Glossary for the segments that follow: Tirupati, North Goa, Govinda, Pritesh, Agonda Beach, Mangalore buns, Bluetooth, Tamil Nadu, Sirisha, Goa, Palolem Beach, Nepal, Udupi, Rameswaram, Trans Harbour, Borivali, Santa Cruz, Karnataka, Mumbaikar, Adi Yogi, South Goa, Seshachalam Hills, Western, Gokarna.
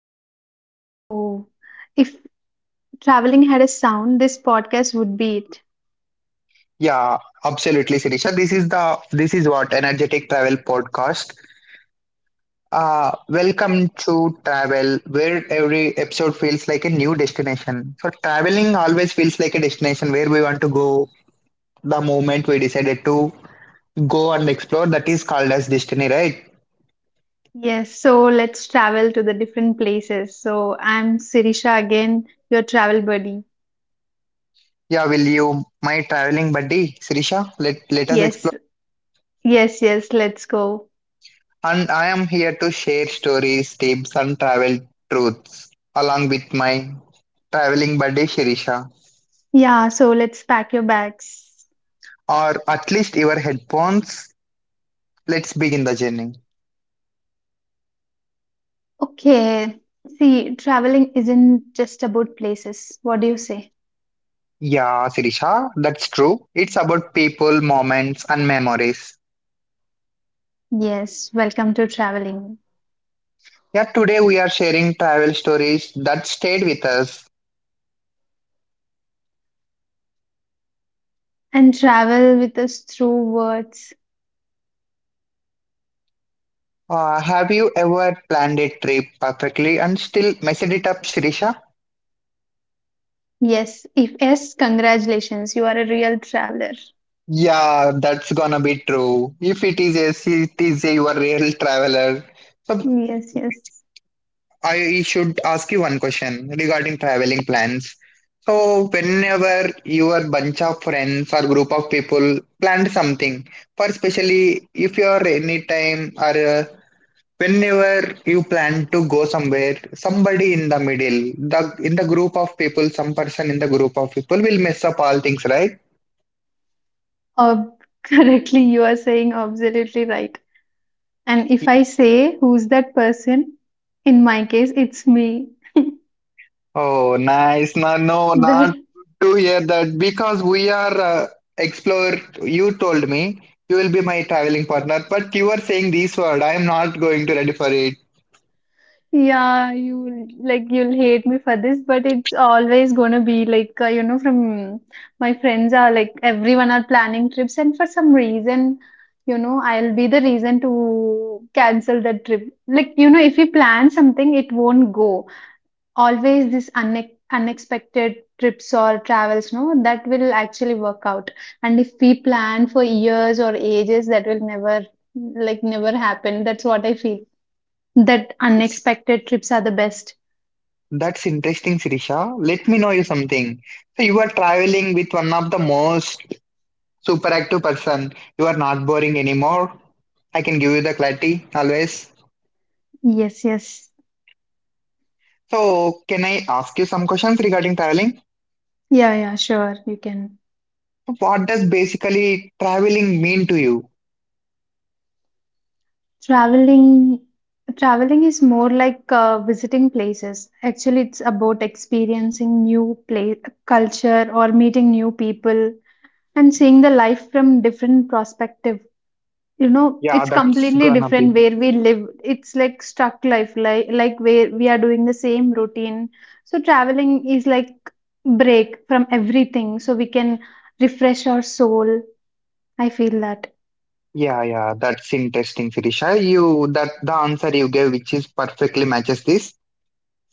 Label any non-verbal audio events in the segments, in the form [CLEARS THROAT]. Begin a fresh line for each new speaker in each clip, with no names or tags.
podcast. So, if traveling had a sound, this podcast would be it.
Yeah, absolutely, Sirisha. This is what energetic travel podcast. Welcome to travel, where every episode feels like a new destination. So traveling always feels like a destination where we want to go. The moment we decided to go and explore, that is called as destiny, right?
Yes, so let's travel to the different places. So, I'm Sirisha again, your travel buddy.
Yeah, will you, my traveling buddy, Sirisha, let us
Yes,
explore.
yes, let's go.
And I am here to share stories, tips, and travel truths along with my traveling buddy, Sirisha,
Yeah, so let's pack your bags.
or at least your headphones. Let's begin the journey.
Okay. See, traveling isn't just about places. What do you say?
Yeah, Sirisha, that's true. It's about people, moments, and memories.
Yes, welcome to traveling.
Yeah, today we are sharing travel stories that stayed with us.
And travel with us through words.
Have you ever planned a trip perfectly and still messed it up, Sirisha?
Yes, if yes, congratulations. You are a real traveler.
Yeah, that's gonna be true. If you are a real traveler. So
Yes, yes.
I should ask you one question regarding traveling plans. So whenever your bunch of friends or group of people plan something, for especially if you are anytime or whenever you plan to go somewhere, somebody in the middle, the in the group of people, some person in the group of people will mess up all things, right?
Ob- [LAUGHS] correctly, you are saying absolutely right. And if I say who's that person, in my case, it's me. [LAUGHS]
Oh, nice. No, no,
That
not to hear that because we are explorer. You told me you will be my traveling partner, but you are saying this word. I am not going to ready for it.
Yeah, you like you'll hate me for this, but it's always gonna be like you know, from my friends are like everyone are planning trips, and for some reason, you know, I'll be the reason to cancel that trip. Like you know, if you plan something, it won't go. Always unexpected trips or travels, no, that will actually work out. And if we plan for years or ages, that will never happen. That's what I feel. That
It's-
unexpected trips are the best.
That's interesting, Sirisha. Let me know you something. So you are traveling with one of the most super active person. You are not boring anymore. I can give you the clarity always.
Yes, yes.
So can I ask you some questions regarding traveling?
Yeah, yeah, sure. You can.
What does basically traveling mean to you?
Traveling traveling is more like visiting places. Actually, it's about experiencing new place, culture or meeting new people and seeing the life from different perspective. You know,
Yeah,
it's
that's
completely
gonna be.
different where we live. It's like stuck life, like where we are doing the same routine. So traveling is like break from everything so we can refresh our soul, I feel that.
Yeah, yeah, that's interesting, Sirisha. You that the answer you gave, which is perfectly matches this.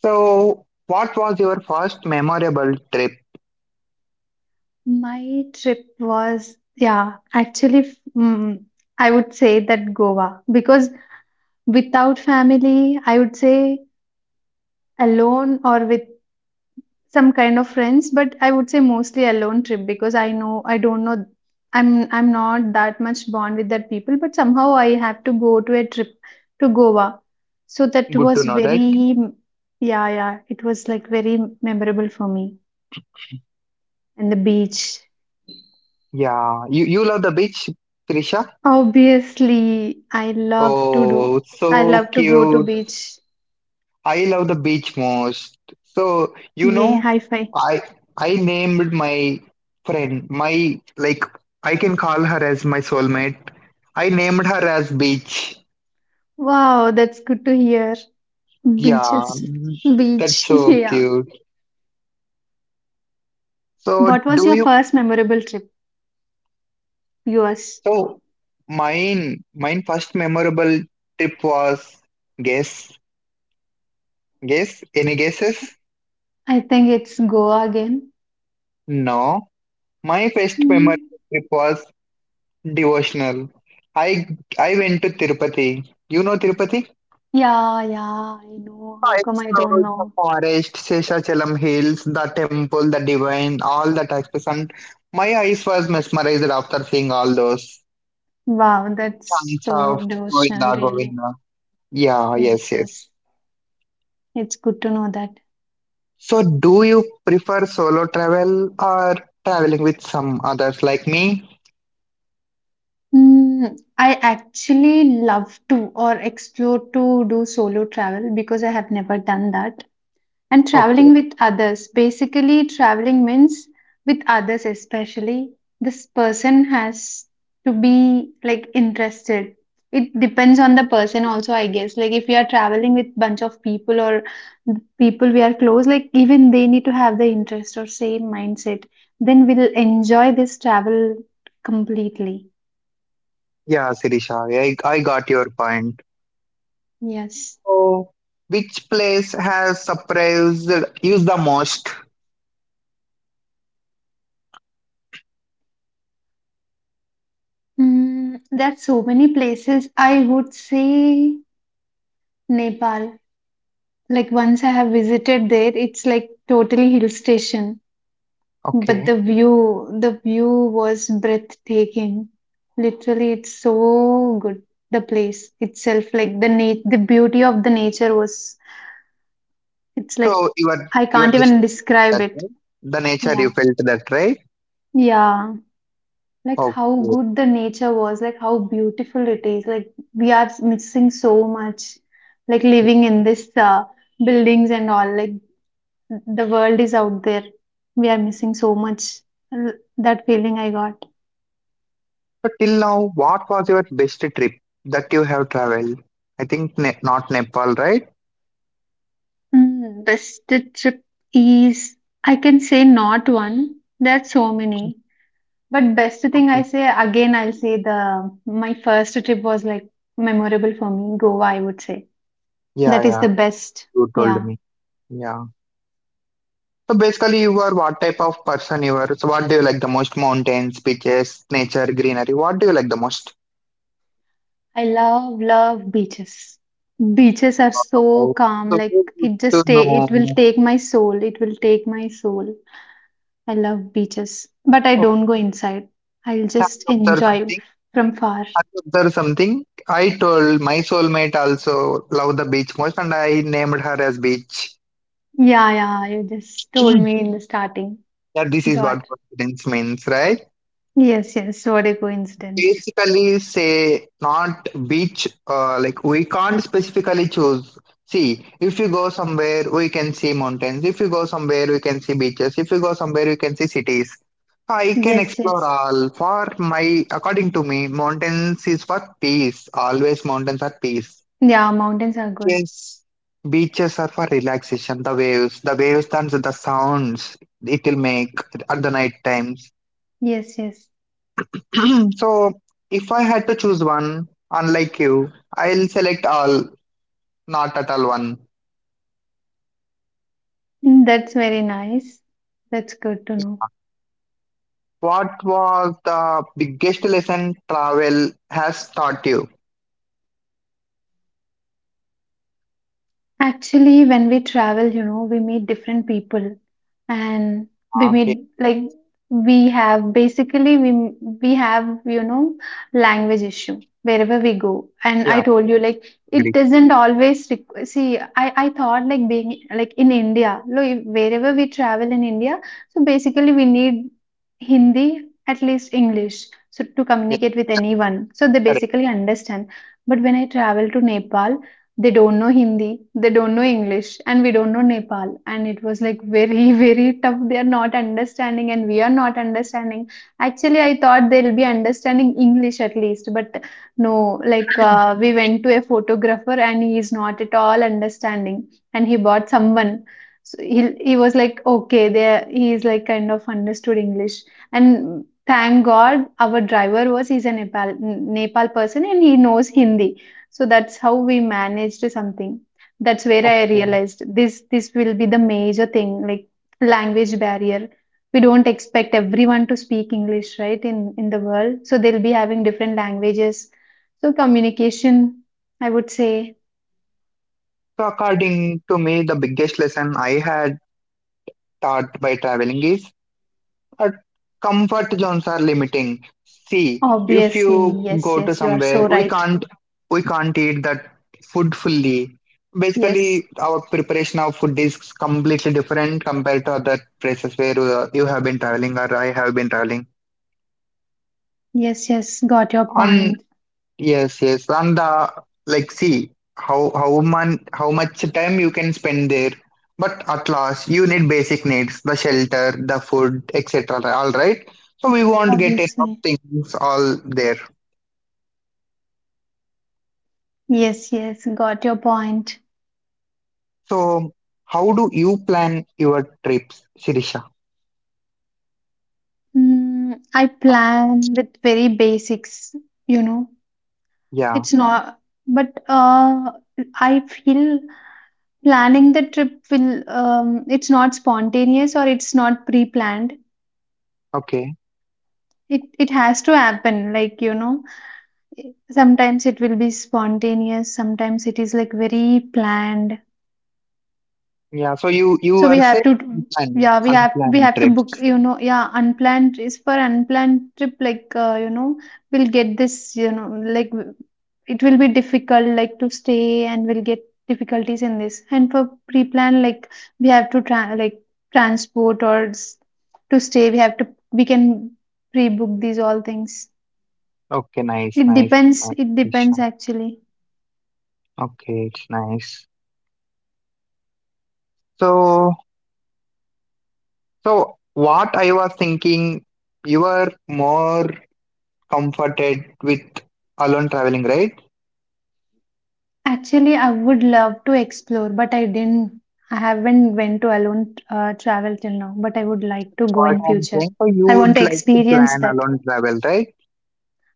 So, what was your first memorable trip?
My trip was yeah, actually I would say that Goa, because without family, I would say alone or with some kind of friends, but I would say mostly alone trip because I know I don't know, I'm not that much bond with that people, but somehow I have to go to a trip to Goa. So that
Good to
was
know
very
that.
yeah, yeah, it was like very memorable for me, and the beach.
Yeah, you love the beach, Sirisha.
Obviously, I love to do.
Oh,
I
so
love to go to
cute.
beach.
I love the beach most. So, you
Yay, high
know,
five.
I I named my friend my like I can call her as my soulmate. I named her as Beach.
Wow, that's good to hear.
Yeah,
Beaches.
mm, that's
Beach. [LAUGHS]
so
Yeah.
cute. So
What was
do
your
you
first memorable trip? Yes,
so mine first memorable trip was guess, any guesses?
I think it's Goa again.
No. My first memorable
Mm.
trip was devotional. I I went to Tirupati. You know Tirupati?
Yeah, yeah, I know.
I
How come I don't
explored the
know?
forest, Seshachalam Hills, the temple, the divine, all that aspects. And my eyes was mesmerized after seeing all those
Wow, that's
chants
so
of
devotional,
Govinda,
really.
Govinda. Yeah, yes,
Yes,
yes.
yes. It's good to know that.
So, do you prefer solo travel or traveling with some others like me?
Mm, I actually love to or explore to do solo travel because I have never done that. And traveling
Okay.
with others, basically, traveling means with others, especially this person has to be like interested. It depends on the person, also, I guess. Like, if we are traveling with bunch of people or people we are close, like, even they need to have the interest or same mindset. Then we'll enjoy this travel completely.
Yeah, Sirisha, I got your point.
Yes.
So, which place has surprised you the most?
Mm, there are so many places. I would say Nepal. Like once I have visited there, it's like totally hill station, but
Okay.
the view was breathtaking. Literally, it's so good. The place itself, like the beauty of the nature was, it's like
So,
I
you are
can't
just
even describe
that
it.
right? The nature
Yeah.
you felt that right?
Yeah. Like
Okay.
how good the nature was, like how beautiful it is. Like we are missing so much, like living in this buildings and all. Like the world is out there, we are missing so much, that feeling I got.
So, till now, what was your best trip that you have traveled? I think ne not Nepal, right?
Mm, best trip is, I can say not one. There are so many. But best thing I
Okay.
say, again I'll say the my first trip was like memorable for me, Goa I would say,
Yeah,
that is
yeah.
the best.
You
Yeah,
told me. Yeah. So basically, you are what type of person you are. So what do you like the most? Mountains, beaches, nature, greenery. What do you like the most?
I love love beaches. Beaches are so
Oh,
calm,
so
like
good
it
to
just it will
know.
take my soul, it will take my soul. I love beaches, but I don't go
Okay.
inside. I'll
Have
just
you observed
enjoy
something?
from far.
Have you observed something? I told my soulmate also love the beach most, and I named her as beach.
Yeah, yeah, you just told
[CLEARS THROAT]
me in the starting.
That this is what
Got it.
confidence means, right?
Yes, yes, what a coincidence.
Basically say not beach. Like we can't specifically choose. See, if you go somewhere we can see mountains, if you go somewhere we can see beaches, if you go somewhere we can see cities. I can
Yes,
explore
yes.
all. For my according to me mountains is for peace, always mountains are peace.
Yeah, mountains are good.
Yes, beaches are for relaxation, the waves and the sounds, it will make at the night times.
Yes, yes.
[CLEARS THROAT] So, if I had to choose one, unlike you, I'll select all, not at all one.
Mm, that's very nice. That's good to know.
What was the biggest lesson travel has taught you?
Actually, when we travel, you know, we meet different people, and we
Ah, yeah,
meet like we have basically we we have, you know, language issue wherever we go. And I
yeah,
told you like it
agree.
doesn't always requ see I thought like being like in India, like wherever we travel in India, so basically we need Hindi, at least English, so to
Yes,
communicate with anyone. So they
correct.
basically understand. But when I travel to Nepal, they don't know Hindi, they don't know English, and we don't know Nepal. And it was like very, [LAUGHS] very tough. They are not understanding, and we are not understanding. Actually, I thought they'll be understanding English at least, but no, like we went to a photographer, and he is not at all understanding. And he bought someone. So he was like, okay, there he is like kind of understood English. And thank god our driver was he's a Nepal person, and he knows Hindi, so that's how we managed something. That's where I
Okay.
realized this will be the major thing, like language barrier. We don't expect everyone to speak English, right, in the world, so they'll be having different languages. So communication, I would say.
So, according to me, the biggest lesson I had taught by traveling is our comfort zones are limiting. See, if
Obviously.
you
Yes,
go to
yes, you are
somewhere,
so
we
right.
can't we can't eat that food fully.
Yes,
Basically, our preparation of food is completely different compared to other places where you have been traveling or I have been traveling.
yes, yes, got your
On
point.
yes, yes. And the like see how much time you can spend there. But at last you need basic needs, the shelter, the food, etc. All right. So we won't get enough
Obviously.
things all there.
Yes, yes, got your point.
So how do you plan your trips, Sirisha?
Mm, I plan with very basics, you know.
Yeah,
It's not, but I feel planning the trip will, it's not spontaneous or it's not pre-planned.
okay.
It has to happen, like you know, sometimes it will be spontaneous, sometimes it is like very planned.
Yeah, so you
So we
are
have
saying
to,
unplanned,
yeah, we have we have to book,
trips.
you know, yeah, unplanned is for unplanned trip. Like, you know, we'll get this, you know, it will be difficult, like to stay, and we'll get difficulties in this. And for pre-plan, like we have to try, like transport or s- to stay, we have to we can pre-book these all things.
Okay, nice,
It
nice,
depends.
nice,
It
Sirisha.
depends actually.
Okay, it's nice. So So, what I was thinking, you were more comforted with alone traveling, right?
Actually, I would love to explore, but I didn't. I haven't went to alone travel till now, but I would like to go
What
in
I'm
future.
saying, so you
I want
would
to
like to
experience
plan
that.
alone travel, right?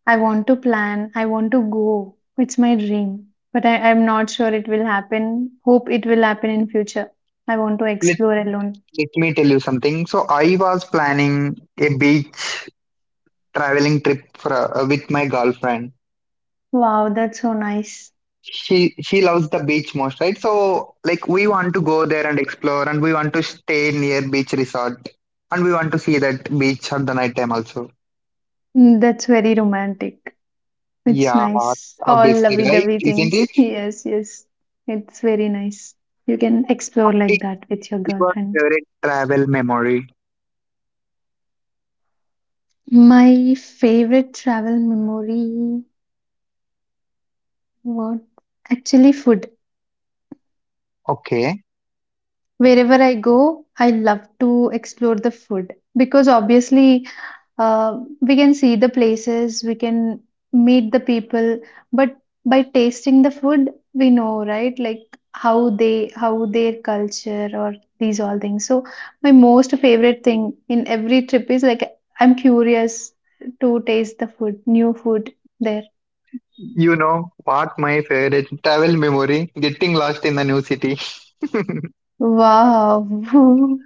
I want to plan. I want to go. It's my dream, but I'm not sure it will happen. Hope it will happen in future. I want to
Let,
explore alone.
let me tell you something. So, I was planning a beach traveling trip for, with my girlfriend.
Wow, that's so nice.
She loves the beach most, right? So, like, we want to go there and explore, and we want to stay near beach resort, and we want to see that beach at the night time also.
Mm, that's very romantic. It's
Yeah,
nice. All
obviously, right?
lovey-dovey
Isn't
things.
it?
[LAUGHS] Yes, yes. It's very nice. You can explore like
Is
that with your
your
girlfriend.
favorite travel memory?
My favorite travel memory, what, actually food.
Okay.
Wherever I go, I love to explore the food because obviously we can see the places, we can meet the people, but by tasting the food, we know, right? Like how they, how their culture or these all things. So my most favorite thing in every trip is like I'm curious to taste the food, new food there.
You know what my favorite travel memory? Getting lost in the new city. [LAUGHS]
Wow.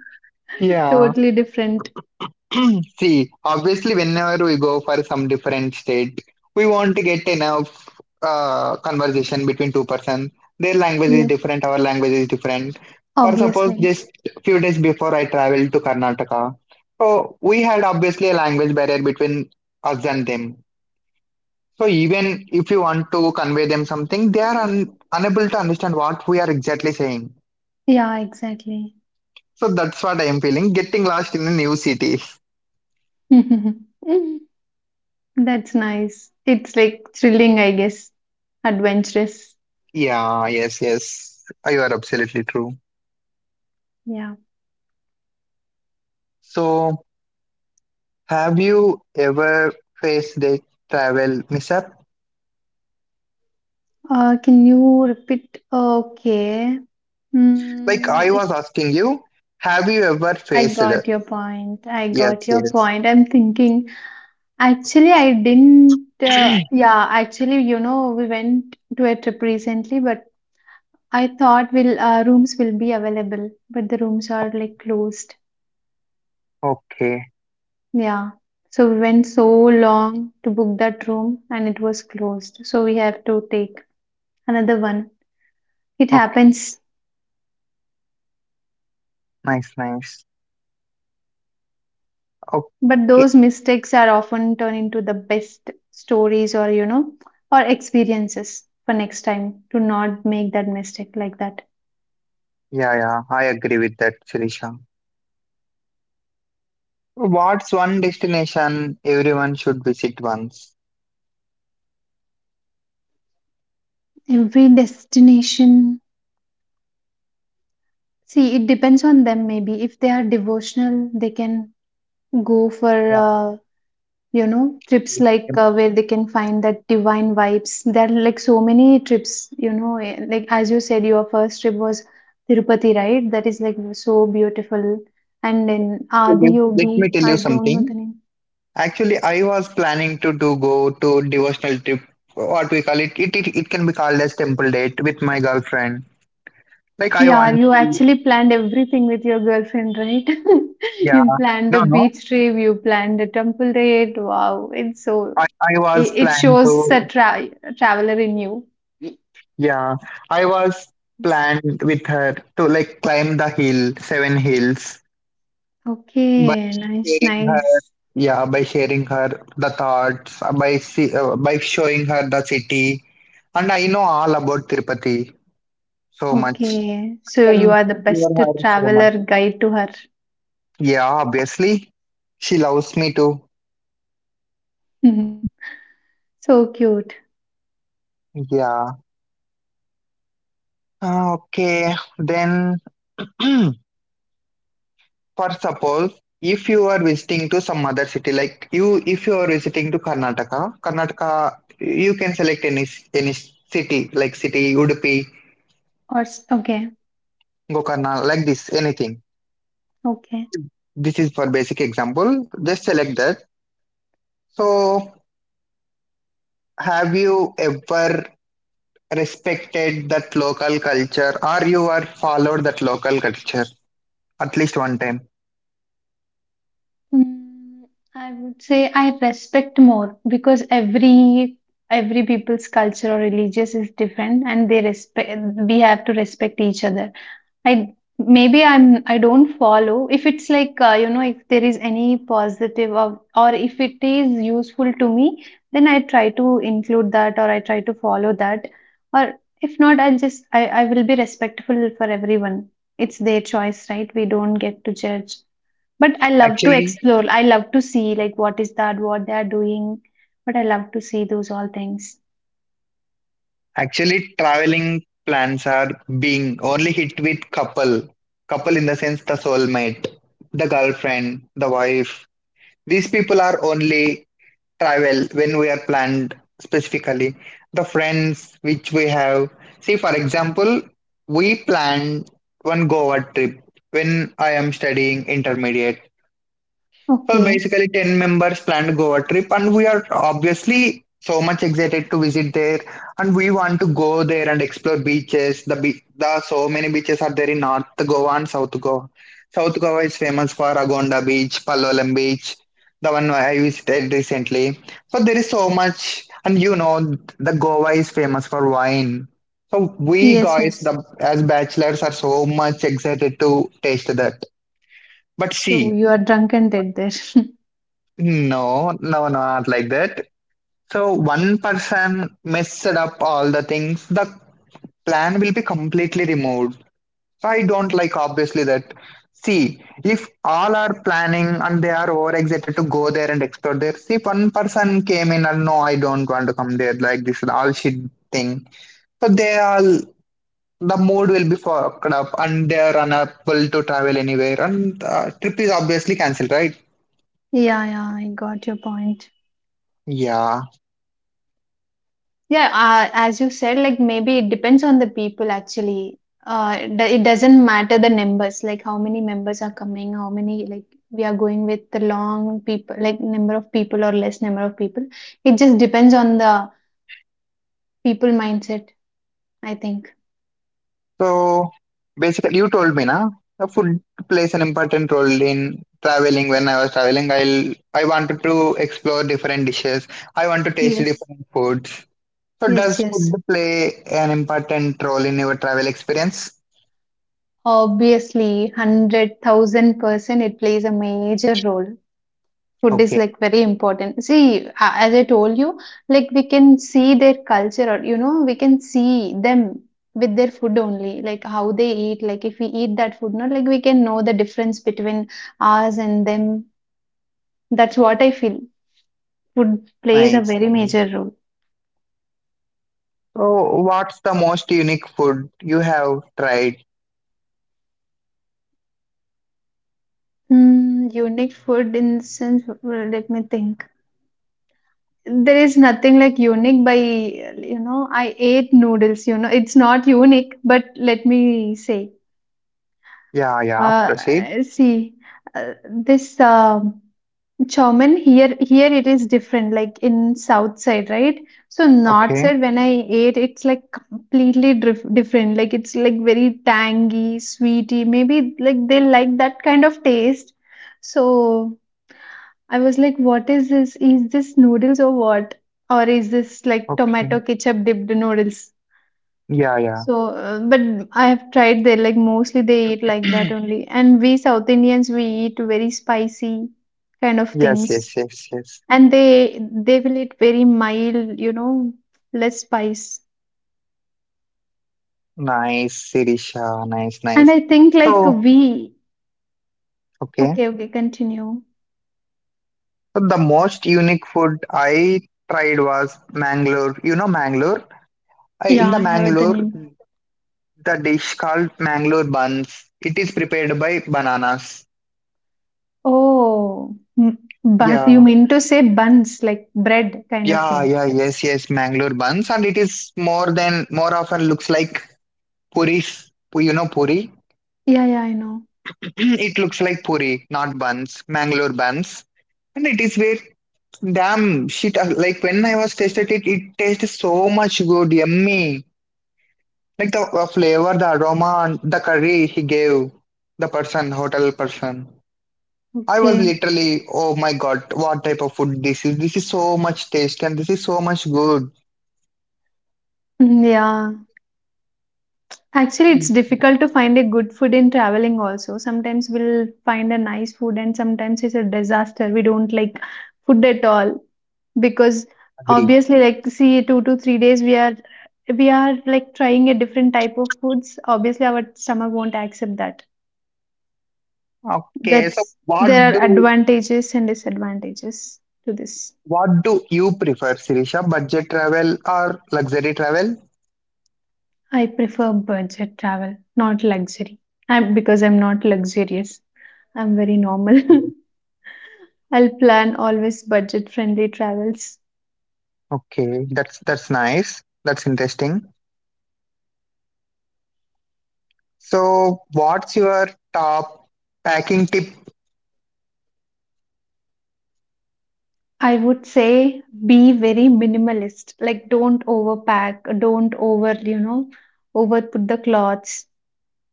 [LAUGHS]
Yeah.
Totally different.
[CLEARS THROAT] See, obviously, whenever we go for some different state, we want to get enough conversation between two persons. Their language is
Yes,
different, our language is different. For suppose,
obviously.
just few days before I traveled to Karnataka, so we had obviously a language barrier between us and them. So even if you want to convey them something, they are unable to understand what we are exactly saying.
Yeah, exactly.
So that's what I am feeling, getting lost in a new city. [LAUGHS]
[LAUGHS] That's nice. It's like thrilling, I guess. Adventurous.
Yeah, yes, yes. You are absolutely true.
Yeah.
So have you ever faced a travel mishap?
Can you repeat? Okay.
Like
Mm,
I
if
was asking you, have you ever
I
faced it?
got your point. I
Yes,
got your
yes.
point. I'm thinking. Actually, I didn't. Yeah, actually, you know, we went to a trip recently, but I thought will rooms will be available, but the rooms are like closed.
Okay,
Yeah. So we went so long to book that room and it was closed. So we have to take another one. It
okay.
happens,
Nice, nice.
but
Okay.
those mistakes are often turned into the best stories, or you know, or experiences for next time to not make that mistake like that.
Yeah, yeah. I agree with that, Shirisha. What's one destination everyone should visit once?
Every destination, see, it depends on them maybe. If they are devotional, they can go for
Yeah.
you know, trips
Let me
where they can find that divine vibes. There are like so many trips, you know, like as you said your first trip was Tirupati, right, that is like so beautiful. And then
tell
Adi
you let
Yogi,
me tell you
I don't know
something.
the name.
Actually, I was planning to do go to devotional trip, what we call it. It can be called as temple date with my girlfriend. Like I
Yeah,
want
you
to,
actually planned everything with your girlfriend, right? [LAUGHS]
yeah.
You planned
No,
a
no.
beach trip, you planned a temple raid, wow, it's so
I was
it
planned
shows
to,
a tra- traveler in you.
yeah. I was planned with her to like climb the hill, seven hills. But
Okay, nice, nice.
yeah, by sharing her the thoughts, by see, by showing her the city, and I know all about Tirupati so much.
Okay,
I
so you
can
are the best
explore her so much.
traveler guide to her.
Yeah, obviously, she loves me too.
[LAUGHS] So cute.
Yeah. Okay, then [CLEARS THROAT] for suppose if you are visiting to some other city, like you, if you are visiting to Karnataka, Karnataka, you can select city like city Udupi,
Okay,
Gokarna, like this, anything.
okay.
This is for basic example. Just select that. So have you ever respected that local culture or you are followed that local culture at least one time?
Mm, I would say I respect more because every people's culture or religious is different, and they respect. We have to respect each other. I maybe I don't follow. If it's like you know, if there is any positive or if it is useful to me, then I try to include that or I try to follow that. Or if not, I'll just I will be respectful for everyone. It's their choice, right? We don't get to judge. But I love to
Actually,
explore. I love to see like what is that, what they are doing. But I love to see those all things.
Actually traveling plans are being only hit with couple. Couple in the sense the soulmate, the girlfriend, the wife. These people are only travel when we are planned specifically the friends which we have. See, for example, we planned one Goa trip when I am studying intermediate. So
Okay.
basically, 10 members planned Goa trip, and we are obviously so much excited to visit there. And we want to go there and explore beaches. The so many beaches are there in North Goa and South Goa. South Goa is famous for Agonda Beach, Palolem Beach, the one I visited recently. So there is so much, and you know, the Goa is famous for wine. So we
Yes,
guys,
yes.
the as bachelors, are so much excited to taste that. But
So
see,
you are drunk and dead there. [LAUGHS]
no, no, not like that. So one person messed up all the things, the plan will be completely removed. So I don't like obviously that. See, if all are planning and they are over excited to go there and explore there, see if one person came in and no, I don't want to come there, like this is all shit thing. So they all the mood will be fucked up and they are unable to travel anywhere and trip is obviously cancelled, right?
Yeah, yeah, I got your point.
Yeah,
Yeah, as you said, like maybe it depends on the people actually. It doesn't matter the numbers, like how many members are coming, how many, like we are going with the long people, like number of people or less number of people. It just depends on the people mindset, I think.
so basically, you told me na. The food plays an important role in traveling. When I was traveling, I wanted to explore different dishes. I want to taste
Yes,
different foods. So
yes,
does food
yes.
play an important role in your travel experience?
Obviously, 100,000% it plays a major role. Food is
Okay,
like very important. See, as I told you, like we can see their culture, or you know, we can see them with their food only, like how they eat. Like if we eat that food, not like we can know the difference between us and them. That's what I feel. Food plays a
nice,
very
nice.
major role.
So what's the most unique food you have tried?
Mm, unique food in the sense, well, let me think. There is nothing like unique by, you know, I ate noodles, you know, it's not unique, but let me say.
Yeah, yeah. Proceed.
Uh, see, this chowmein here it is different. Like in south side, right? So north
Okay,
side, when I ate, it's like completely different. Like it's like very tangy, sweety. Maybe like they like that kind of taste. So I was like, what is this? Is this noodles or what? Or is this like tomato
okay.
ketchup dipped noodles?
Yeah, yeah.
So but I have tried there, like mostly they eat like that
[CLEARS THROAT]
only. And we South Indians, we eat very spicy kind of
Yes,
things.
yes, yes, yes.
And they will eat very mild, you know, less spice.
Nice, Sirisha. Nice,
And
nice.
I think like
So,
we,
okay.
okay, okay, continue.
So the most unique food I tried was Mangalore. You know Mangalore? In
Yeah,
the
I heard the
Mangalore,
name.
the dish called Mangalore buns. It is prepared by bananas.
Oh, bun, you
Yeah.
mean to say buns, like bread kind of
Yeah,
thing.
yeah, yes, yes, Mangalore buns. And it is more often looks like puris. You know puri?
Yeah, yeah, I know.
[CLEARS THROAT] It looks like puri, not buns. Mangalore buns. And it is very damn shit. Like when I was tasted it, it tastes so much good, yummy. Like the flavor, the aroma, and the curry he gave the person, hotel person. I was
Okay.
literally, oh my god, what type of food this is? This is so much taste and this is so much good.
Mm, yeah. Actually, it's difficult to find a good food in traveling also. Sometimes we'll find a nice food and sometimes it's a disaster. We don't like food at all because
Agree.
obviously like see 2 to 3 days we are like trying a different type of foods. Obviously our stomach won't accept that.
Okay, so
That's there are advantages and disadvantages to this.
what do you prefer, Sirisha? Budget travel or luxury travel?
I prefer budget travel, not luxury. I'm because I'm not luxurious. I'm very normal.
Yeah.
[LAUGHS] I'll plan always budget friendly travels.
Okay, that's nice. That's interesting. So, what's your top packing tip?
I would say be very minimalist. Like don't overpack, don't over, you know, over put the clothes.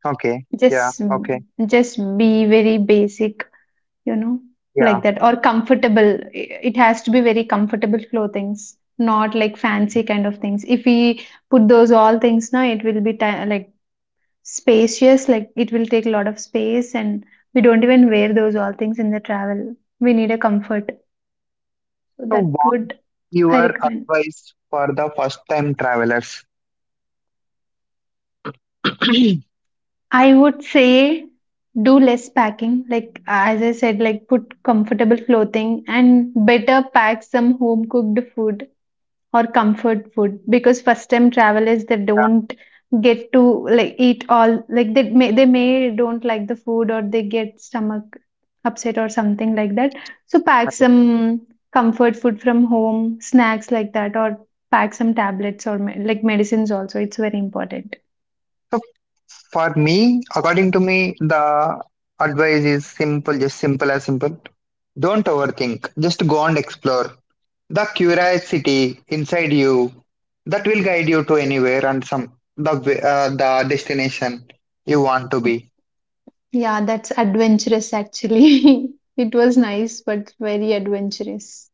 Okay, yeah,
Just
okay,
just be very basic, you know,
yeah.
like that or comfortable. It has to be very comfortable clothings, not like fancy kind of things. If we put those all things now, it will be like spacious like it will take a lot of space and we don't even wear those all things in the travel we need a comfort so that
So,
would I
your
recommend
advice for the first time travelers? [CLEARS THROAT]
I would say do less packing like as I said like put comfortable clothing and better pack some home cooked food or comfort food because first time travelers they don't get to like eat all like they may don't like the food or they get stomach upset or something like that so pack some comfort food from home snacks like that or pack some tablets or like medicines also it's very important.
So for me, according to me, the advice is simple, just simple as simple. Don't overthink, just go and explore. The curiosity inside you that will guide you to anywhere and the destination you want to
Oh,
be.
yeah that's adventurous actually. [LAUGHS] It was nice but very adventurous.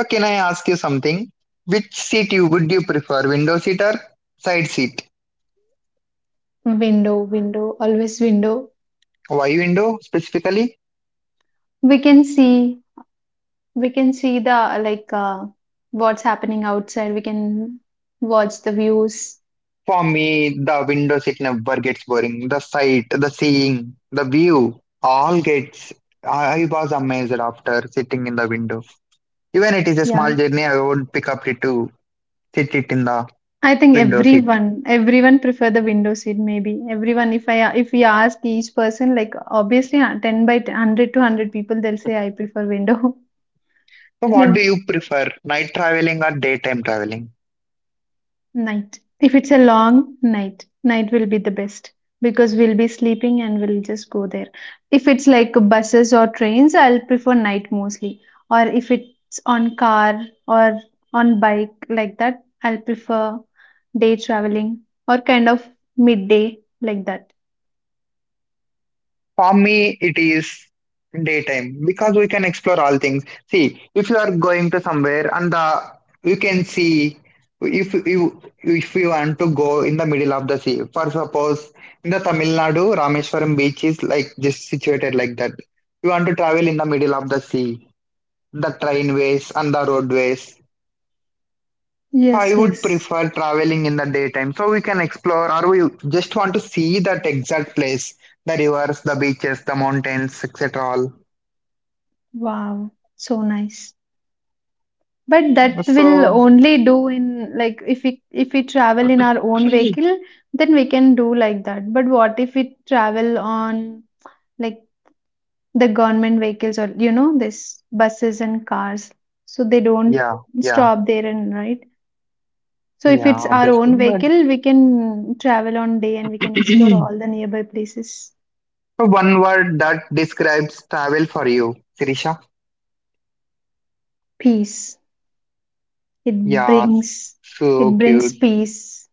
So can I ask you something? Which seat you prefer, window seat or side seat?
Window, window, always window.
Why window specifically?
we can see We can see the like what's happening outside. We can watch the views.
For me, the window seat never gets boring. The sight, the seeing, the view, all gets. I was amazed after sitting in the window. Even it is a small
Yeah.
journey, I would pick up it to sit it in the
I think
window seat.
everyone, everyone prefer the window seat maybe. Everyone, if we ask each person, like obviously 10 by 10, 100 to 100 people, they'll say I prefer window.
So, what do
[LAUGHS]
you prefer, night traveling or daytime traveling?
Night. If it's a long night, night will be the best because we'll be sleeping and we'll just go there. If it's like buses or trains, I'll prefer night mostly. Or if it's on car or on bike like that, I'll prefer day traveling or kind of midday like that.
For me, it is daytime because we can explore all things. See, if you are going to somewhere and the you can see if you want to go in the middle of the sea. For suppose in the Tamil Nadu, Rameswaram beach is like just situated like that. You want to travel in the middle of the sea, the trainways and the roadways. So I
Yes,
would
yes.
prefer traveling in the daytime so we can explore or we just want to see that exact place the rivers, the beaches, the mountains, etc. all.
Wow. So nice. But
Uh,
that will
So,
only do in like if we travel in our own
[CLEARS THROAT]
vehicle, then we can do like that. But what if we travel on like the government vehicles or you know this buses and cars? So they don't
yeah, yeah,
stop there and right. So if
yeah,
it's our
obviously.
own
But
vehicle, we can travel on day and we can explore
[CLEARS THROAT]
all the nearby places.
one word that describes travel for you, Sirisha.
Peace. It
Yeah,
brings
so
it brings
cute.
peace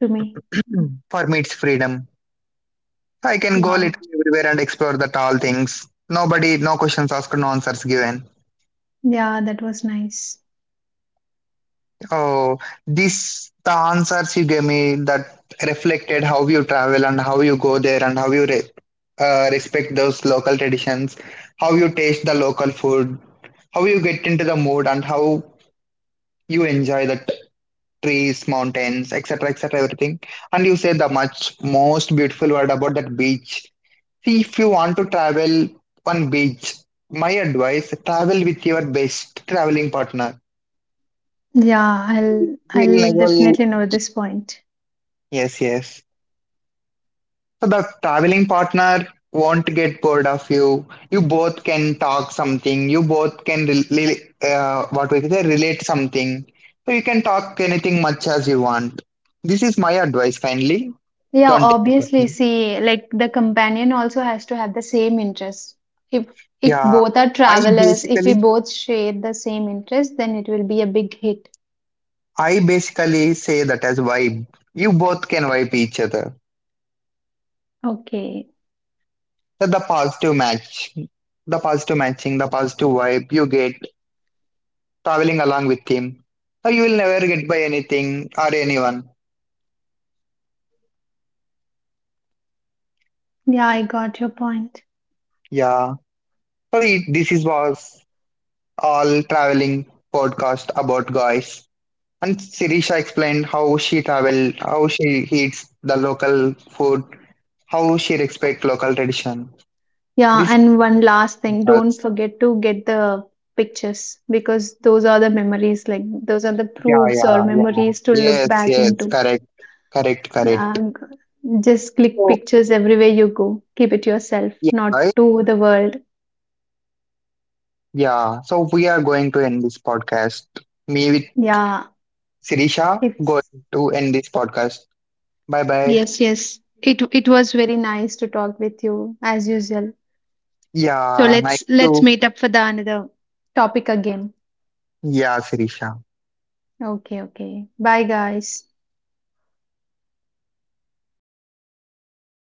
to me.
Mm. For me, it's freedom. I can go literally
Wow.
everywhere and explore the tall things. Nobody, no questions asked, no answers given.
Yeah, that was nice.
Oh, these the answers you gave me that reflected how you travel and how you go there and how you re respect those local traditions, how you taste the local food, how you get into the mood and how you enjoy the trees, mountains, etc., etc., everything. And you said the much most beautiful word about that beach. See, if you want to travel on beach, my advice, travel with your best traveling partner.
Yeah, I'll
You'll
I'll
never,
definitely know this point.
yes, yes. So the traveling partner won't get bored of you. You both can talk something. You both can really, what we can say, relate something. So you can talk anything much as you want. This is my advice. Kindly
Yeah,
don't take it
obviously,
personally.
see, like the companion also has to have the same interest. If if
Yeah,
both are
I
travelers, if we
basically,
both share the same interest, then it will be a big hit.
I basically say that as vibe. You both can vibe each other.
Okay.
So the positive matching, the positive vibe you get traveling along with him. So you will never get by anything or anyone.
Yeah, I got your point.
Yeah. Sorry, this is was all traveling podcast about guys. And Sirisha explained how she traveled, how she eats the local food, how she respect local tradition.
Yeah,
This is
and one last thing, don't
us.
forget to get the pictures because those are the memories, like those are the
Yeah,
proofs
yeah,
or
yeah.
memories to look
Yes,
back
yes,
into.
correct, correct, correct.
Yeah, just click
So
pictures everywhere you go. Keep it yourself,
yeah,
not
right?
to the world.
Yeah. So we are going to end this podcast. Me with
Yeah,
Sirisha going
it's
to end this podcast. Bye bye.
yes, yes. It was very nice to talk with you as usual. So
Yeah, nice
let's
to.
meet up for the another topic again.
Yeah, Sirisha.
Okay, okay. Bye guys.